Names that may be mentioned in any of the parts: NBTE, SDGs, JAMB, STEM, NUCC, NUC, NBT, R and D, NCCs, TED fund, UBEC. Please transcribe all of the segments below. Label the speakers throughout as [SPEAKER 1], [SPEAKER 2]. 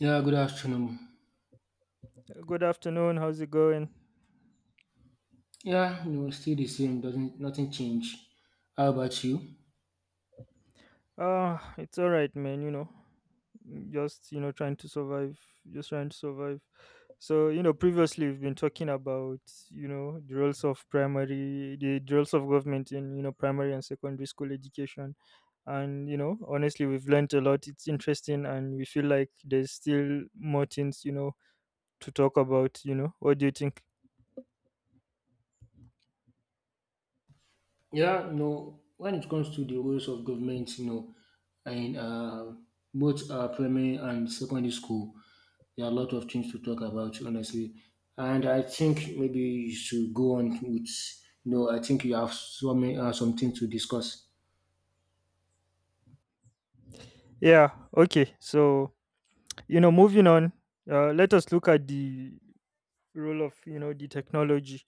[SPEAKER 1] Yeah, good afternoon.
[SPEAKER 2] Good afternoon. How's it going?
[SPEAKER 1] Yeah, no, still the same. Doesn't nothing change. How about you?
[SPEAKER 2] Ah, it's all right, man. Just trying to survive. Just trying to survive. So previously we've been talking about the roles of primary, the roles of government in primary and secondary school education, and honestly, we've learned a lot. It's interesting, and we feel like there's still more things to talk about. What do you think?
[SPEAKER 1] Yeah, no. When it comes to the roles of government, you know, in both primary and secondary school, there are a lot of things to talk about, honestly. And I think maybe you should go on with. You know, I think you have so many some things to discuss.
[SPEAKER 2] Yeah, okay. So, moving on, let us look at the role of, the technology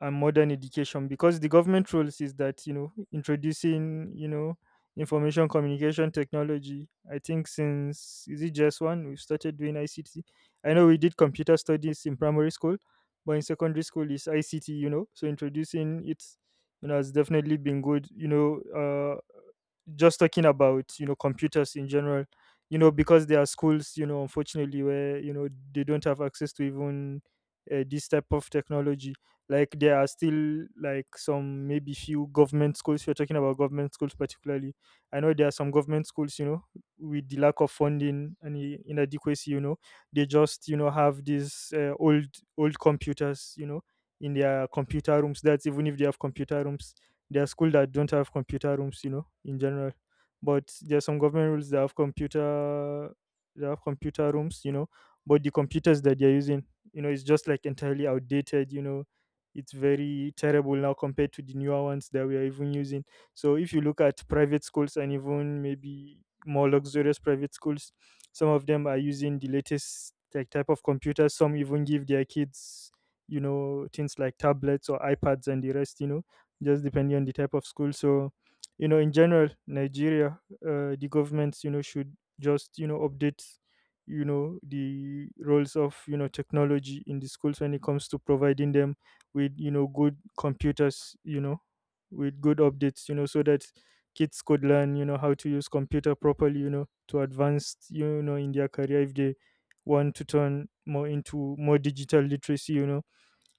[SPEAKER 2] and modern education because the government rules is that introducing information communication technology. I think since — is it just one? — we've started doing ICT. I know we did computer studies in primary school, but in secondary school is ICT, so introducing it has definitely been good, just talking about computers in general, because there are schools, unfortunately, where they don't have access to even this type of technology. Like there are still like some maybe few government schools. You're talking about government schools particularly. I know there are some government schools, with the lack of funding and inadequacy. They just have these old computers, in their computer rooms. That's even if they have computer rooms. There are schools that don't have computer rooms, you know, in general. But there's some government rules that have computer, that have computer rooms, you know. But the computers that they're using, you know, it's just like entirely outdated, you know. It's very terrible now compared to the newer ones that we are even using. So if you look at private schools and even maybe more luxurious private schools, some of them are using the latest like type of computers. Some even give their kids, you know, things like tablets or iPads and the rest, you know, just depending on the type of school. So, you know, in general, Nigeria, the governments, you know, should just, you know, update, you know, the roles of, you know, technology in the schools when it comes to providing them with, you know, good computers, you know, with good updates, you know, so that kids could learn, you know, how to use computer properly, you know, to advance, you know, in their career if they want to turn more into more digital literacy, you know,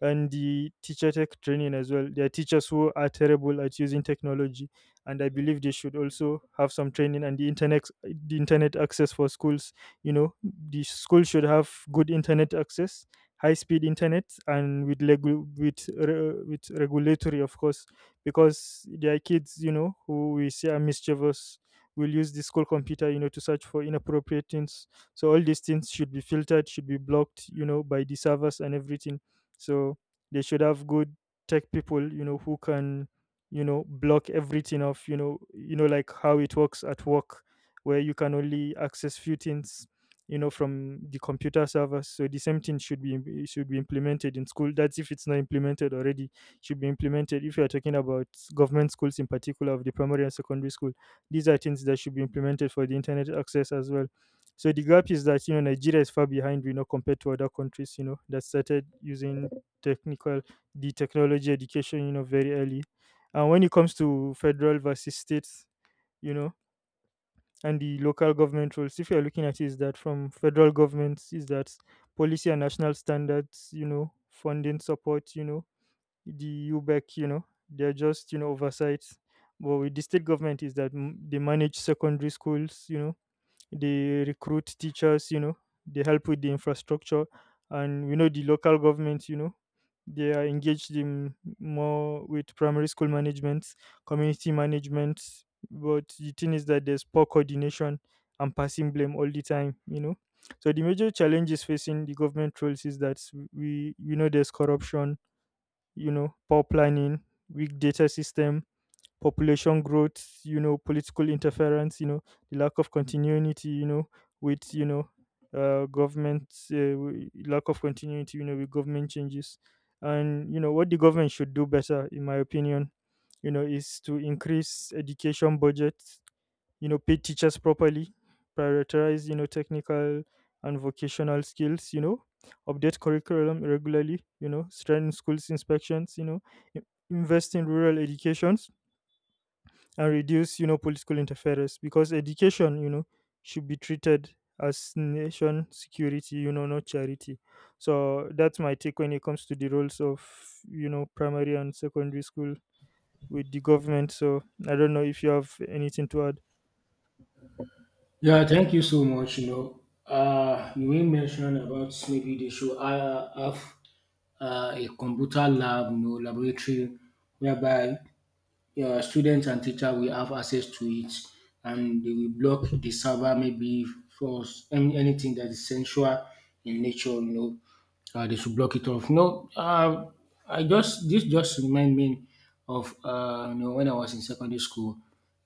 [SPEAKER 2] and the teacher tech training as well. There are teachers who are terrible at using technology, and I believe they should also have some training, and the internet access for schools. You know, the school should have good internet access, high speed internet, and with regulatory, of course, because there are kids, you know, who we see are mischievous. Will use the school computer, you know, to search for inappropriate things. So all these things should be filtered, should be blocked, you know, by the servers and everything. So they should have good tech people, you know, who can, you know, block everything off, you know, like how it works at work, where you can only access few things, you know, from the computer servers. So the same thing should be implemented in school. That's if it's not implemented already. Should be implemented if you are talking about government schools in particular of the primary and secondary school. These are things that should be implemented for the internet access as well. So the gap is that, you know, Nigeria is far behind, you know, compared to other countries, you know, that started using technical, the technology education, you know, very early. And when it comes to federal versus states, you know, and the local government roles, if you're looking at it, is that from federal governments is that policy and national standards, you know, funding support, you know, the ubec, you know, they're just, you know, oversights. But with the state government is that they manage secondary schools, you know, they recruit teachers, you know, they help with the infrastructure. And we know the local government, you know, they are engaged in more with primary school management, community management. But the thing is that there's poor coordination and passing blame all the time, you know. So the major challenges facing the government roles is that we know there's corruption, you know, poor planning, weak data system, population growth, you know, political interference, you know, the lack of continuity, you know, with, you know, lack of continuity, you know, with government changes. And, you know, what the government should do better, in my opinion, you know, is to increase education budgets, you know, pay teachers properly, prioritize, you know, technical and vocational skills, you know, update curriculum regularly, you know, strengthen schools inspections, you know, i- invest in rural education and reduce, you know, political interference, because education, you know, should be treated as nation security, you know, not charity. So that's my take when it comes to the roles of, you know, primary and secondary school with the government. So I don't know if you have anything to add.
[SPEAKER 1] Yeah, thank you so much. You know, you may mention about maybe they should have a computer lab, you know, laboratory, whereby students and teacher will have access to it, and they will block the server maybe for any, anything that is sensual in nature. You know, they should block it off. No, I just this just remind me of you know when I was in secondary school.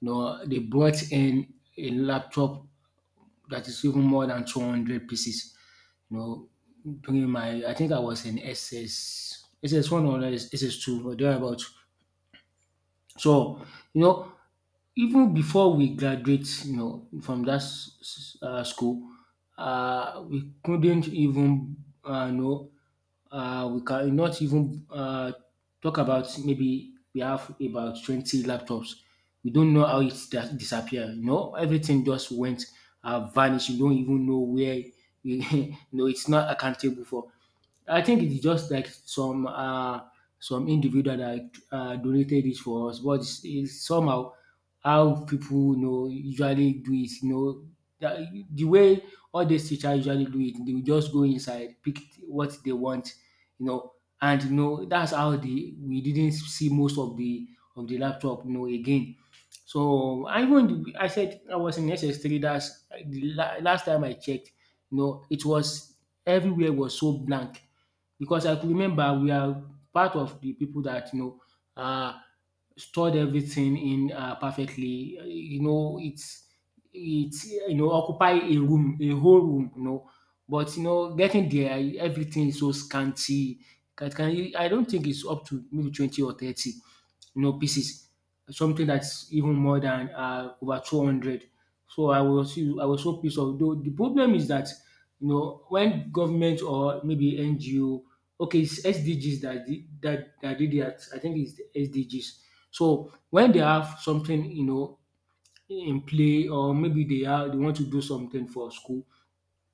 [SPEAKER 1] You know, they brought in a laptop that is even more than 200 pieces, you know, during my I think I was in SS SS1 or SS2 or thereabout. So, you know, even before we graduate, you know, from that school, we couldn't even uh, you know we cannot even talk about maybe we have about 20 laptops. We don't know how it that disappeared. You know, everything just went vanished. You don't even know where you know it's not accountable for. I think it's just like some individual that donated it for us, but it's somehow how people you know usually do it. You know that, the way all these teachers usually do it, they will just go inside, pick what they want, you know, and you know that's how the we didn't see most of the laptop, you know, again. So I said I was in SS3. That's the last time I checked. You know, it was everywhere was so blank because I could remember we are part of the people that you know stored everything in perfectly. You know, it's you know occupy a room, a whole room. You know, but you know, getting there, everything is so scanty. Can you, I don't think it's up to maybe 20 or 30, you know, pieces. Something that's even more than over 200. So I was so pissed off. Though the problem is that you know when government or maybe NGO, okay, it's SDGs that did that. I think it's the SDGs. So when they have something, you know, in play or maybe they want to do something for school,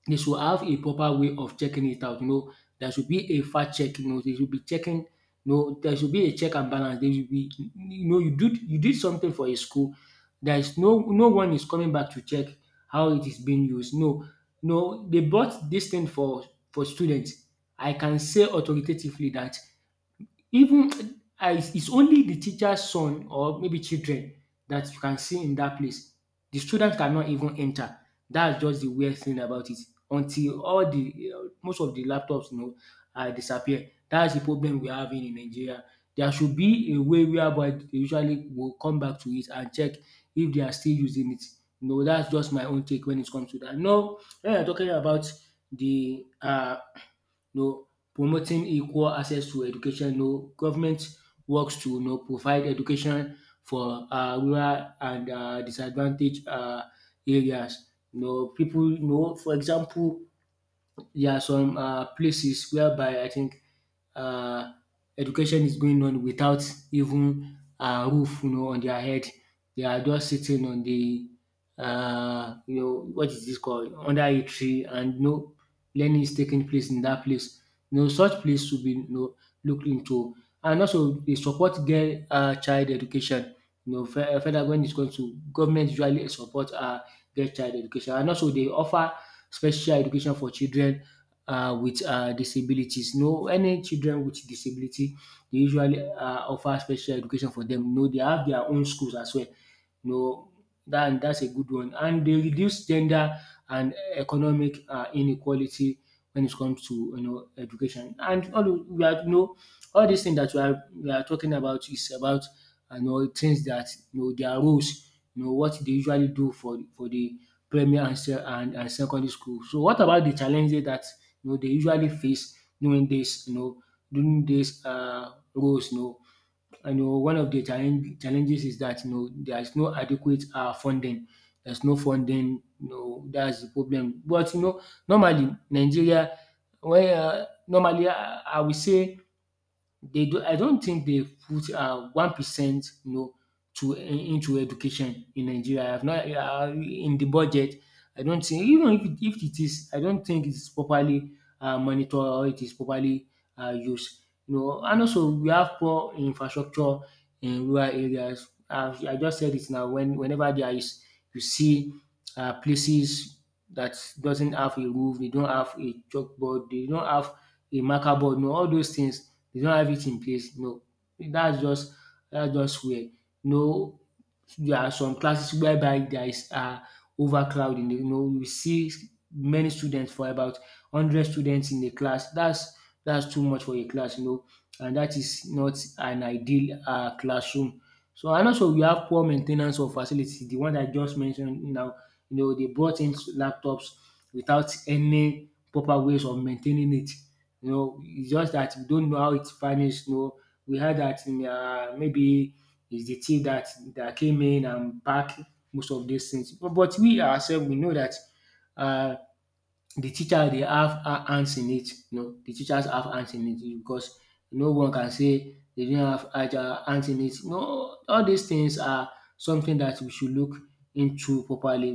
[SPEAKER 1] they should have a proper way of checking it out. You know, there should be a fact check. You know, they should be checking. You know, there should be a check and balance. There should be, you know, you did something for a school. There is no one is coming back to check how it is being used. No, no, they bought this thing for students. I can say authoritatively that even, ah, it's only the teacher's son or maybe children that you can see in that place. The student cannot even enter. That's just the weird thing about it. Until all the most of the laptops, you know, ah, disappear. That's the problem we are having in Nigeria. There should be a way whereby they usually will come back to it and check if they are still using it. No, that's just my own take when it comes to that. No, when you're talking about the. No, promoting equal access to education. No, government works to, you know, provide education for rural and disadvantaged areas. No, people, you know, for example, there are some places whereby I think um education is going on without even a roof, you know, on their head. They are just sitting on the you know what is this called under a tree and no learning is taking place in that place. You know, such place should be, you know, looked into, and also they support girl, child education. You know, fe further, when it comes to government usually support, girl child education, and also they offer special education for children with disabilities. No, any children with disability, they usually offer special education for them. No, they have their own schools as well, you know. Dat dat's a good one. And they reduce gender and economic, inequality when it comes to you know education. And all those we are you know all these things that we are talking about is about you know things that you know their roles, you know what they usually do for the primary and se and secondary school. So what about the challenges that you know they usually face during this, you know, during this, roles, you know? You know, one of the challenges is that you know there's no adequate funding. There's no funding. You know, that's the problem. But you know, normally Nigeria, when normally I would say they do, I don't think they put 1% you know, to into education in Nigeria. I have not in the budget. I don't think even if it is, I don't think it's properly monitored or it is properly used. You know, and also we have poor infrastructure in rural areas. I just said it now. When whenever there is, you see places that doesn't have a roof, they don't have a chalkboard, they don't have a marker board, you know, all those things they don't have it in place. No, that's just that's just weird. No, there are some classes whereby there is overcrowding. You know, you see many students for about hundred students in a class. That's too much for a class, you know, and that is not an ideal classroom. So and also we have poor main ten ance of facility. The one I just mentioned now, you know, they brought in laptops without any proper ways of maintaining it. You know, it's just that we don't know how it vanished. You know, we heard that in maybe it's the team that came in and back most of these things. But we ourselves we know that uh, the teacher they have hands in it, you know, the teachers have hands in it because no one can say they didn't have hands in it. No, all these things are something that we should look into properly,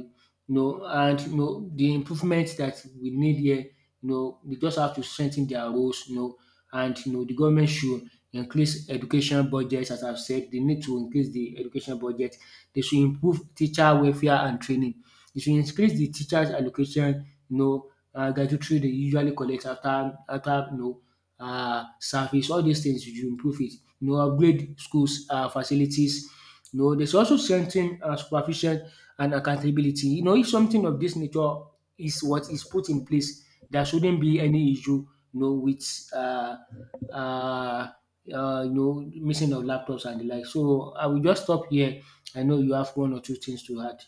[SPEAKER 1] you know, and you know, the improvement that we need here, you know, they just have to strengthen their roles, you know, and you know, the government should increase education budgets. As I've said, they need to increase the education budget. They should improve teacher welfare and training. They should increase the teachers allocation, you know, gratitude they usually collect after you know service. All these things you improve it. You know, upgrade schools facilities. You know, there's also strengthen supervision and accountability. You know, if something of this nature is what is put in place, there shouldn't be any issue. You know, with uh, uh, you know missing of laptops and the like. So I will just stop here. I know you have one or two things to add.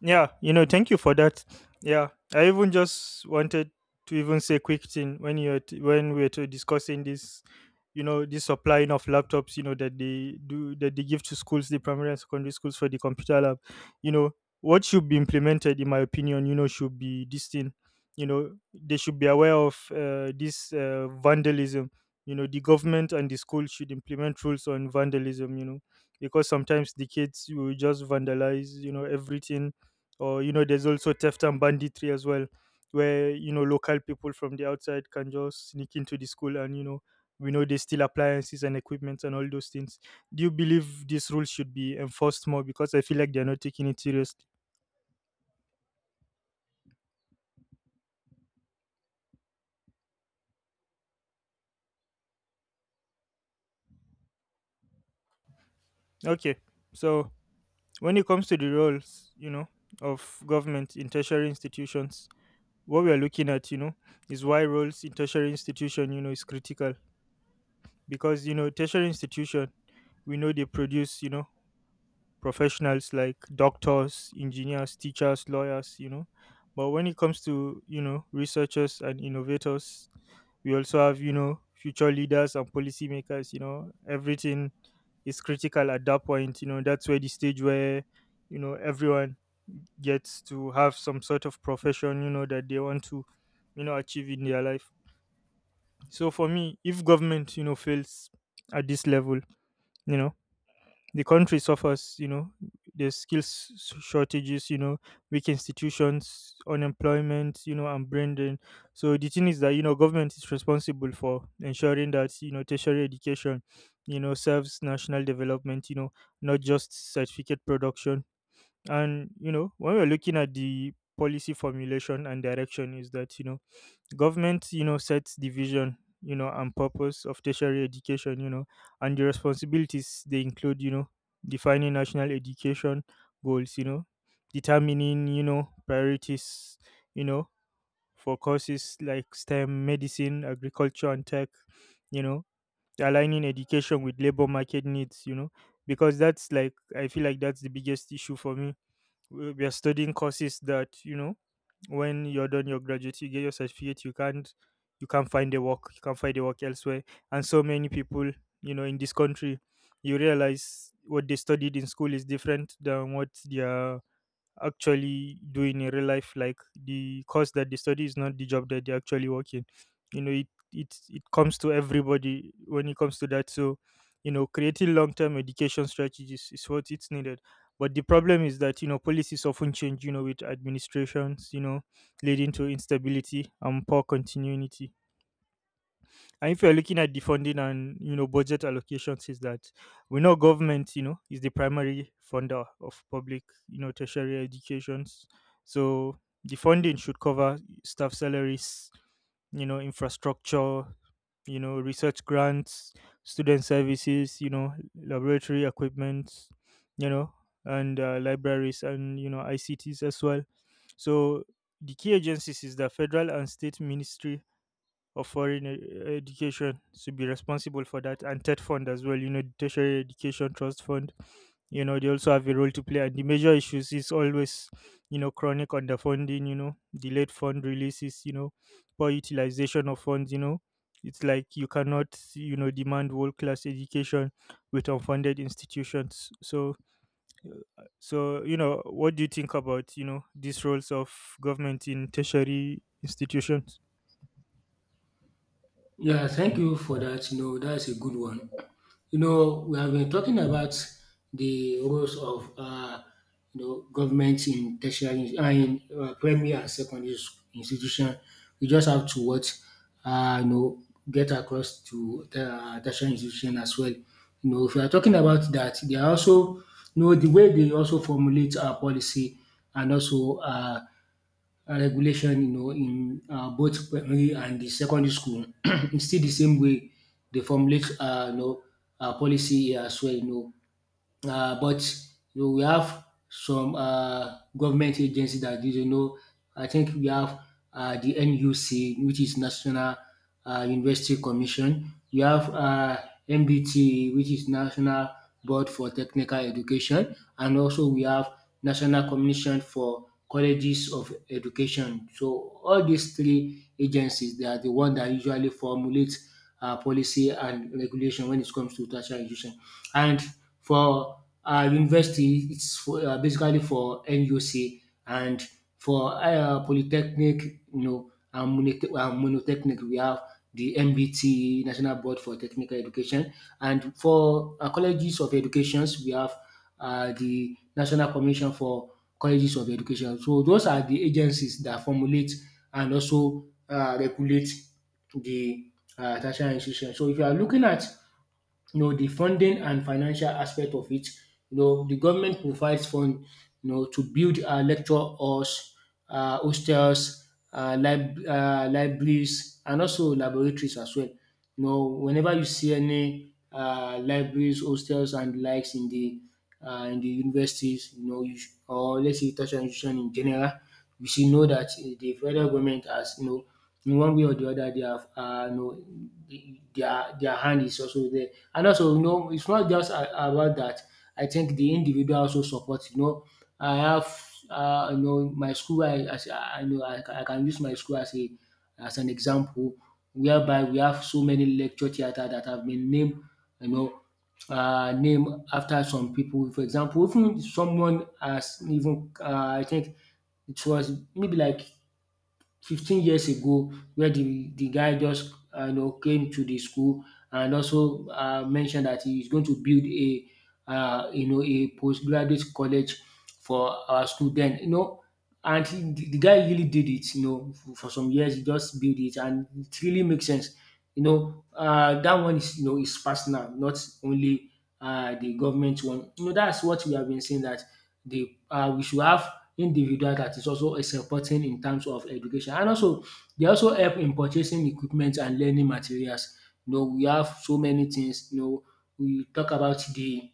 [SPEAKER 2] Yeah, you know, thank you for that. Yeah, I even just wanted to even say quick thing when we were to discussing this, you know, this supplying of laptops, you know, that they do, that they give to schools, the primary and secondary schools for the computer lab. You know, what should be implemented, in my opinion, you know, should be this thing. You know, they should be aware of this vandalism. You know, the government and the school should implement rules on vandalism. You know, because sometimes the kids will just vandalize, you know, everything, or you know, there's also theft and banditry as well, where, you know, local people from the outside can just sneak into the school, and, you know, we know they steal appliances and equipment and all those things. Do you believe these rules should be enforced more, because I feel like they're not taking it seriously? Okay. So when it comes to the roles, you know, of government in tertiary institutions, what we are looking at, you know, is why roles in tertiary institution, you know, is critical. Because, you know, tertiary institution, we know they produce, you know, professionals like doctors, engineers, teachers, lawyers, you know. But when it comes to, you know, researchers and innovators, we also have, you know, future leaders and policymakers, you know, everything is critical at that point, you know, that's where the stage where, you know, everyone gets to have some sort of profession, you know, that they want to, you know, achieve in their life. So for me, if government, you know, fails at this level, you know, the country suffers, you know, there's skills shortages, you know, weak institutions, unemployment, you know, and brain drain. So the thing is that, you know, government is responsible for ensuring that, you know, tertiary education, you know, serves national development, you know, not just certificate production. And, you know, when we're looking at the policy formulation and direction, is that, you know, government, you know, sets the vision, you know, and purpose of tertiary education, you know, and the responsibilities they include, you know, defining national education goals, you know, determining, you know, priorities, you know, for courses like stem, medicine, agriculture and tech, you know, aligning education with labor market needs, you know. Because that's like, I feel like that's the biggest issue for me. We are studying courses that, you know, when you're done, your graduate, you get your certificate, you can't, you can't find a work, you can't find a work elsewhere. And so many people, you know, in this country, you realize what they studied in school is different than what their actually doing in a real life. Like the course that they study is not the job that they actually work in, you know. It comes to everybody when it comes to that. So, you know, creating long-term education strategies is what it's needed. But the problem is that, you know, policies often change, you know, with administrations, you know, leading to instability and poor continuity. And if you're looking at the funding and, you know, budget allocations, is that we know government, you know, is the primary funder of public, you know, tertiary educations. So the funding should cover staff salaries, you know, infrastructure, you know, research grants, student services, you know, laboratory equipment, you know, and libraries and, you know, ICTs as well. So the key agencies is the federal and state ministry of education to be responsible for that, and TED fund as well, you know, the tertiary education trust fund. You know, they also have a role to play, and the major issues is always, you know, chronic underfunding, you know, delayed fund releases, you know, poor utilization of funds. You know, it's like you cannot, you know, demand world class education with unfunded institutions. So so you know, what do you think about, you know, these roles of government in tertiary institutions?
[SPEAKER 1] Yeah, thank you for that. You know, that's a good one. You know, we have been talking about the roles of you know government in tertiary in primary and secondary institution. We just have to what you know get across to the tertiary institution as well. You know, if we are talking about that, they are also you know the way they also formulate our policy and also regulation, you know, in both primary and the secondary school, it's still the same way they formulate, you know, policy here as well, you know. But you know, we have some government agency that is, you know, I think we have the NUC, which is National University Commission. We have MBT, which is National Board for Technical Education, and also we have National Commission for Colleges of Education. So all these three agencies, they are the one that usually formulate policy and regulation when it comes to tertiary education. And for university, it's for, basically for NUC, and for polytechnic, you know, and monotechnic, we have the NBT National Board for Technical Education, and for colleges of educations, we have the National Commission for Colleges of Education. So those are the agencies that formulate and also regulate the tertiary institution. So if you are looking at the funding and financial aspect of it. The government provides fund, to build lecture halls, hostels, libraries, and also laboratories as well. You know, whenever you see any libraries, hostels, and likes in the universities, or let's say tertiary institution in general, we should know that the federal government has, in one way or the other they have their hand is also there. And also, it's not just about that. I think the individual also supports. I have my school. I as I know I, ca- I can use my school as a as an example, whereby we have so many lecture theater that have been named, you know name after some people. For example, even someone as even, I think it was maybe like 15 years ago, where the guy just came to the school and also mentioned that he is going to build a a postgraduate college for our student. And the guy really did it. For some years he just built it, and it really makes sense. That one is, is personal, not only the government one. That's what we have been saying, that the we should have individual that is also a supporting in terms of education. And also they also help in purchasing equipment and learning materials. We have so many things. We talk about the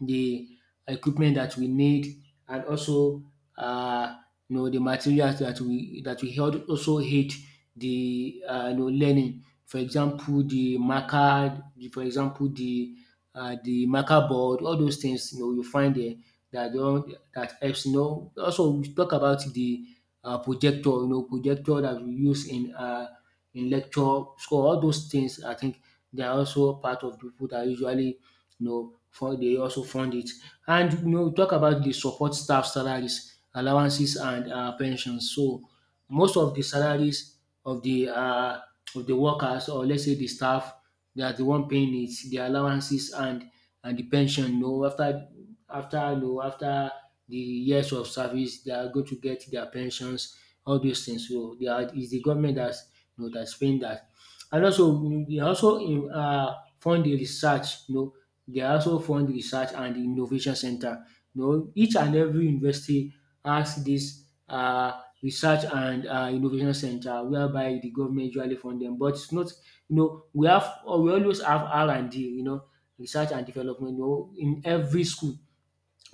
[SPEAKER 1] the equipment that we need, and also um the materials that we help also aid the, learning. For example, for example, the marker board, all those things. You find dem that dey all dat helps. Also we talk about the projector, projector that we use in lecture. So all those things, I think they are also part of people that usually, you know for they also fund it. And we talk about the support staff salaries, allowances, and pensions. So most of the salaries of the, of the workers, or let's say the staff, they are the one paying it, the allowances and the pension. You know, after the years of service, they are going to get their pensions, all those things. So they are is the government that's, that's paying that. And also, we also fund the research. You know, they also fund research and innovation center. You know, each and every university has this research and innovation center, whereby the government usually fund them. But it's not, we always have R and D, you know, research and development. You know, in every school,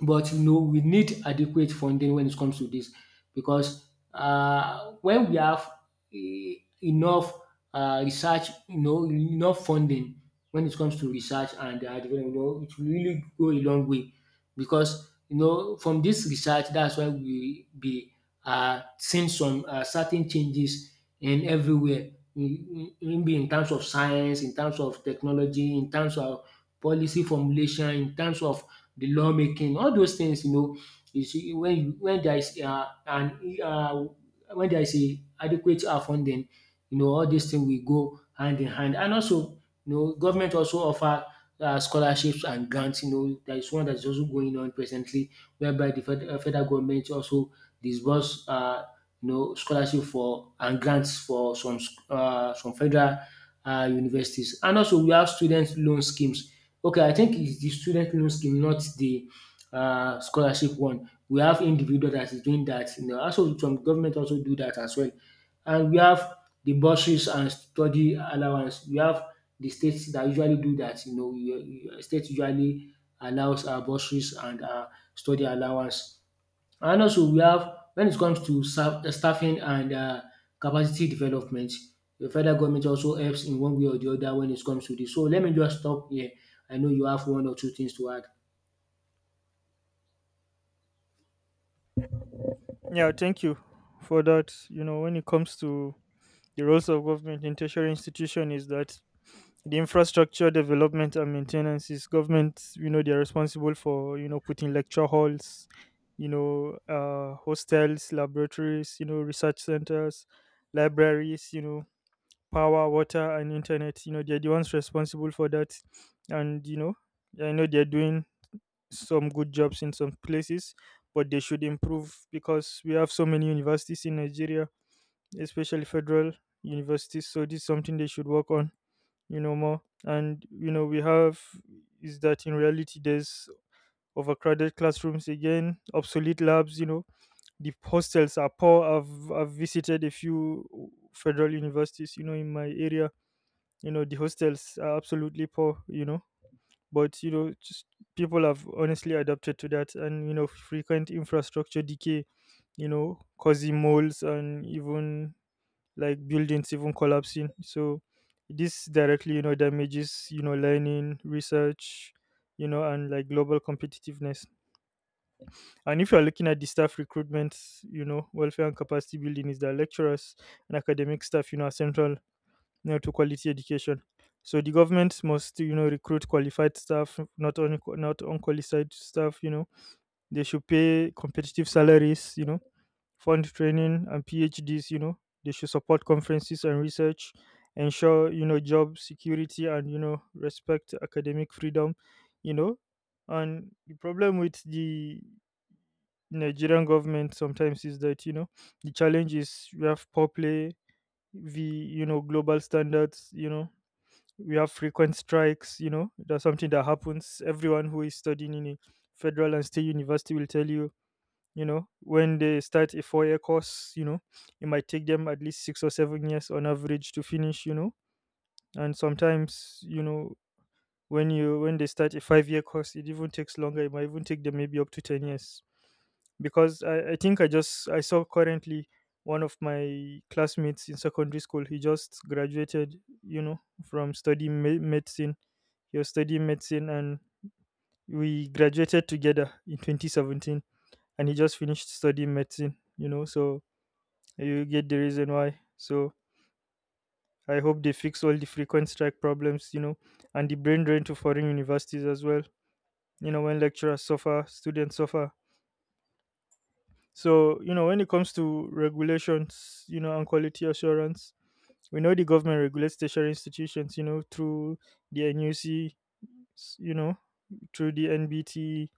[SPEAKER 1] but you know, we need adequate funding when it comes to this, because when we have enough research, you know, enough funding when it comes to research and development, you know, it will really go a long way. Because you know, from this research, that's why we be seeing some certain changes in everywhere, in terms of science, in terms of technology, in terms of policy formulation, in terms of the lawmaking, all those things. You know, you see when you when there is an when there is a adequate funding, you know, all these things will go hand in hand. And also, you know, government also offer scholarships and grants. You know, there is one that is also going on presently, whereby federal government also disburse scholarship for and grants for some federal universities. And also, we have student loan schemes. Okay, I think it's the student loan scheme, not the scholarship one. We have individual that is doing that. You know, also some government also do that as well. And we have the bursaries and study allowance. We have the states that usually do that. You- state usually allows bursaries and study allowance. And also we have when it comes to serve staffing and capacity development, the federal government also helps in one way or the other when it comes to this. So let me just stop here. I know you have one or two things to add.
[SPEAKER 2] Yeah, thank you for that. You know, when it comes to the roles of government in tertiary institution, is that the infrastructure development and maintenance is government, you know, they're responsible for, you know, putting lecture halls, you know, uh, hostels, laboratories, you know, research centers, libraries, you know, power, water and internet. You know, they're the ones responsible for that. And, you know, I know they're doing some good jobs in some places, but they should improve, because we have so many universities in Nigeria, especially federal universities. So this is something they should work on, you know, more. And you know, we have is that in reality there's overcrowded classrooms again, obsolete labs, you know, the hostels are poor. I've visited a few federal universities, you know, in my area. You know, the hostels are absolutely poor, you know, but you know just people have honestly adapted to that. And you know, frequent infrastructure decay, you know, causing moulds and even like buildings even collapsing. So this directly, you know, damages, you know, learning, research, you know, and like global competitiveness. And if you're looking at the staff recruitment, you know, welfare and capacity building, is that lecturers and academic staff, you know, are central, you know, to quality education. So the government must, you know, recruit qualified staff, not only not unqualified staff. You know, they should pay competitive salaries. You know, fund training and PhDs. You know, they should support conferences and research, ensure, you know, job security, and you know, respect academic freedom. You know, and the problem with the Nigerian government sometimes is that you know, the challenge is we have poor play, the you know, global standards. You know, we have frequent strikes, you know, that's something that happens. Everyone who is studying in a federal and state university will tell you, you know, when they start a 4 year course, you know, it might take them at least 6 or 7 years on average to finish, you know. And sometimes, you know, when you when they start a 5-year course, it even takes longer. It might even take them maybe up to 10 years. Because I think I saw currently one of my classmates in secondary school. He just graduated, you know, from medicine. He was studying medicine, and we graduated together in 2017. And he just finished studying medicine, you know. So you get the reason why. So I hope they fix all the frequent strike problems, you know, and the brain drain to foreign universities as well. You know, when lecturers suffer, students suffer. So, you know, when it comes to regulations, you know, and quality assurance, we know the government regulates tertiary institutions, you know, through the NUC, you know, through the NBT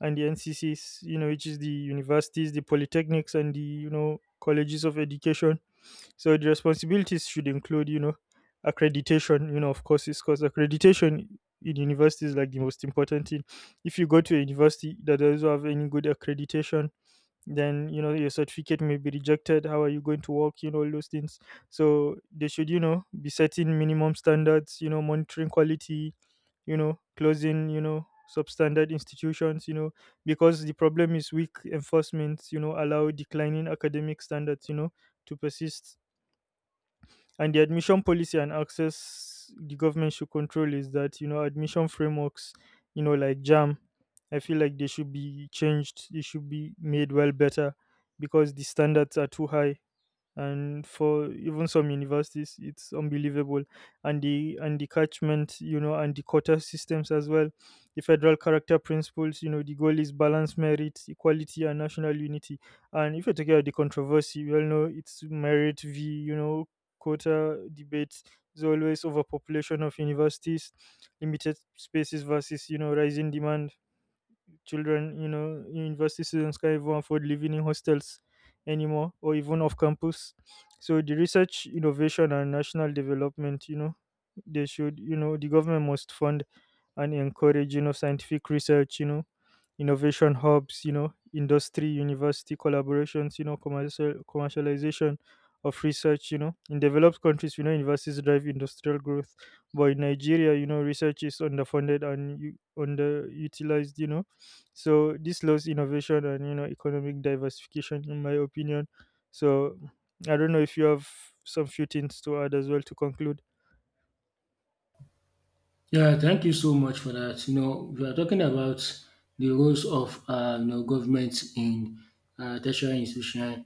[SPEAKER 2] and the NCCs, you know, which is the universities, the polytechnics, and the, you know, colleges of education. So the responsibilities should include, you know, accreditation, you know, of course, because accreditation in university is like the most important thing. If you go to a university that doesn't have any good accreditation, then you know, your certificate may be rejected. How are you going to work, you know, all those things? So they should, you know, be setting minimum standards, you know, monitoring quality, you know, closing, you know, substandard institutions, you know, because the problem is weak enforcement, you know, allow declining academic standards, you know, to persist. And the admission policy and access the government should control, is that you know, admission frameworks, you know, like jam I feel like they should be changed. They should be made well better, because the standards are too high. And for even some universities, it's unbelievable. And the and the catchment, you know, and the quota systems as well, the federal character principles, you know, the goal is balance, merit, equality and national unity. And if you're talking about the controversy, we all know it's merit v, you know, quota debates. There's always overpopulation of universities, limited spaces versus, you know, rising demand. Children, you know, university students can't even afford living in hostels anymore, or even off campus. So the research, innovation, and national development, you know, they should, you know, the government must fund and encourage, you know, scientific research, you know, innovation hubs, you know, industry, university collaborations, you know, commercialization of research, you know. In developed countries, you know, universities drive industrial growth. But in Nigeria, you know, research is underfunded and underutilized, you know, so this slows innovation and you know, economic diversification, in my opinion. So I don't know if you have some few things to add as well to conclude.
[SPEAKER 1] Yeah, thank you so much for that. You know, we are talking about the roles of, government in tertiary institution.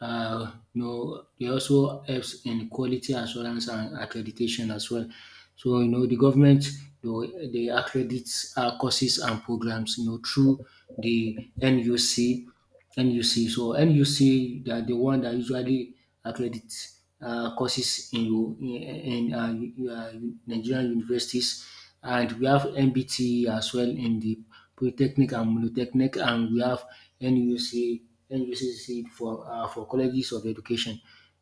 [SPEAKER 1] You know, they also helps in quality assurance and accreditation as well. So you know, the government, they accredit courses and programs. You know, through the NUC. So NUC, they are the one that usually accredit courses in u- Nigerian universities. And we have NBTE as well in the polytechnic, and we have NUC NUCC for colleges of education.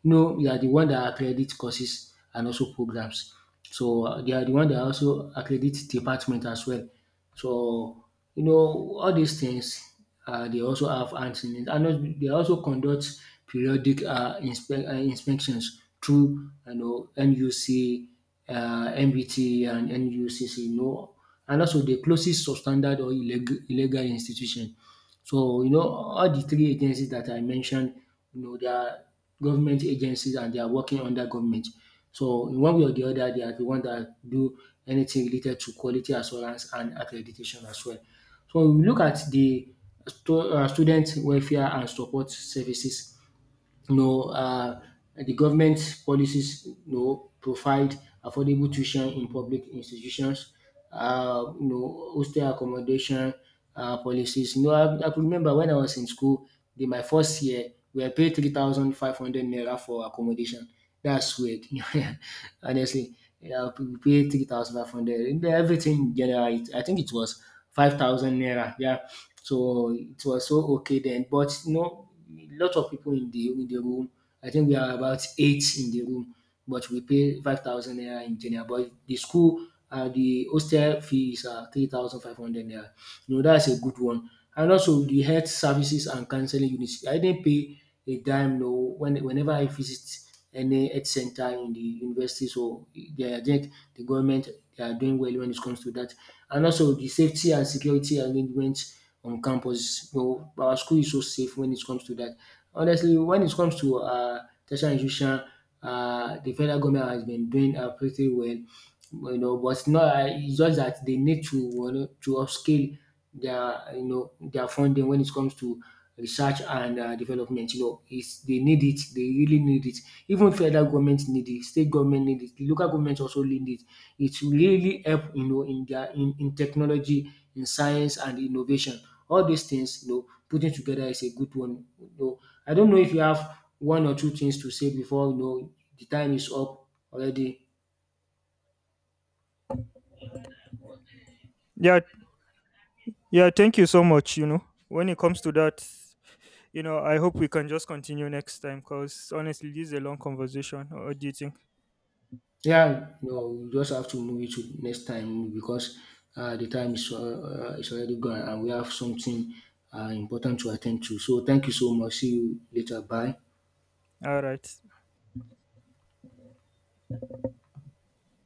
[SPEAKER 1] You know, they are the one that accredit courses and also programs. So they are the one that also accredit department as well. So you know, all these things, they also have hands in it. And also, they also conduct periodic inspections through, you know, NUC, MBT, and NUCC. You know, and also the closest substandard or illegal institution. So you know, all the three agencies that I mentioned, you know, they are government agencies and they are working under government. So in one way or the other, they are the one that do anything related to quality assurance and accreditation as well. So we look at the student welfare and support services. You know, the government policies, you know, provide affordable tuition in public institutions, you know, hostel accommodation policies. You know, I could remember when I was in school, in my first year, we were paid 3,500 naira for accommodation. That's weird, honestly. Yeah, we paid 3,500. Everything in general, I think it was 5,000 naira. Yeah. So it was so okay then. But, you know, a lot of people in the room. I think we are about eight in the room, but we pay 5,000 naira in general. But the school, the hostel fee is, 3,500 naira. You know, that's a good one. And also the health services and counselling unit. I didn't pay a dime, no, when whenever I visit any health center in the university. So they are yet, the government, they are doing well when it comes to that. And also the safety and security arrangements on campus. You know, our school is so safe when it comes to that. Honestly, when it comes to tertiary institution, the federal government has been doing pretty well, you know. But it's not, it's just that they need to, you know, to upscale their, their funding when it comes to research and development. You know, it's they need it, they really need it. Even federal government need it, state government need it, the local government also need it. It will really help, you know, in their in technology, in science and innovation. All these things, you know, putting together is a good one. You know, I don't know if you have one or two things to say before, you know, the time is up already.
[SPEAKER 2] Yeah, yeah, thank you so much. You know, when it comes to that, you know, I hope we can just continue next time, because honestly this is a long conversation. What do you think?
[SPEAKER 1] Yeah, no, you just have to move it to next time because the time is already gone, and we have something important to attend to. So thank you so much. See you later. Bye.
[SPEAKER 2] All right.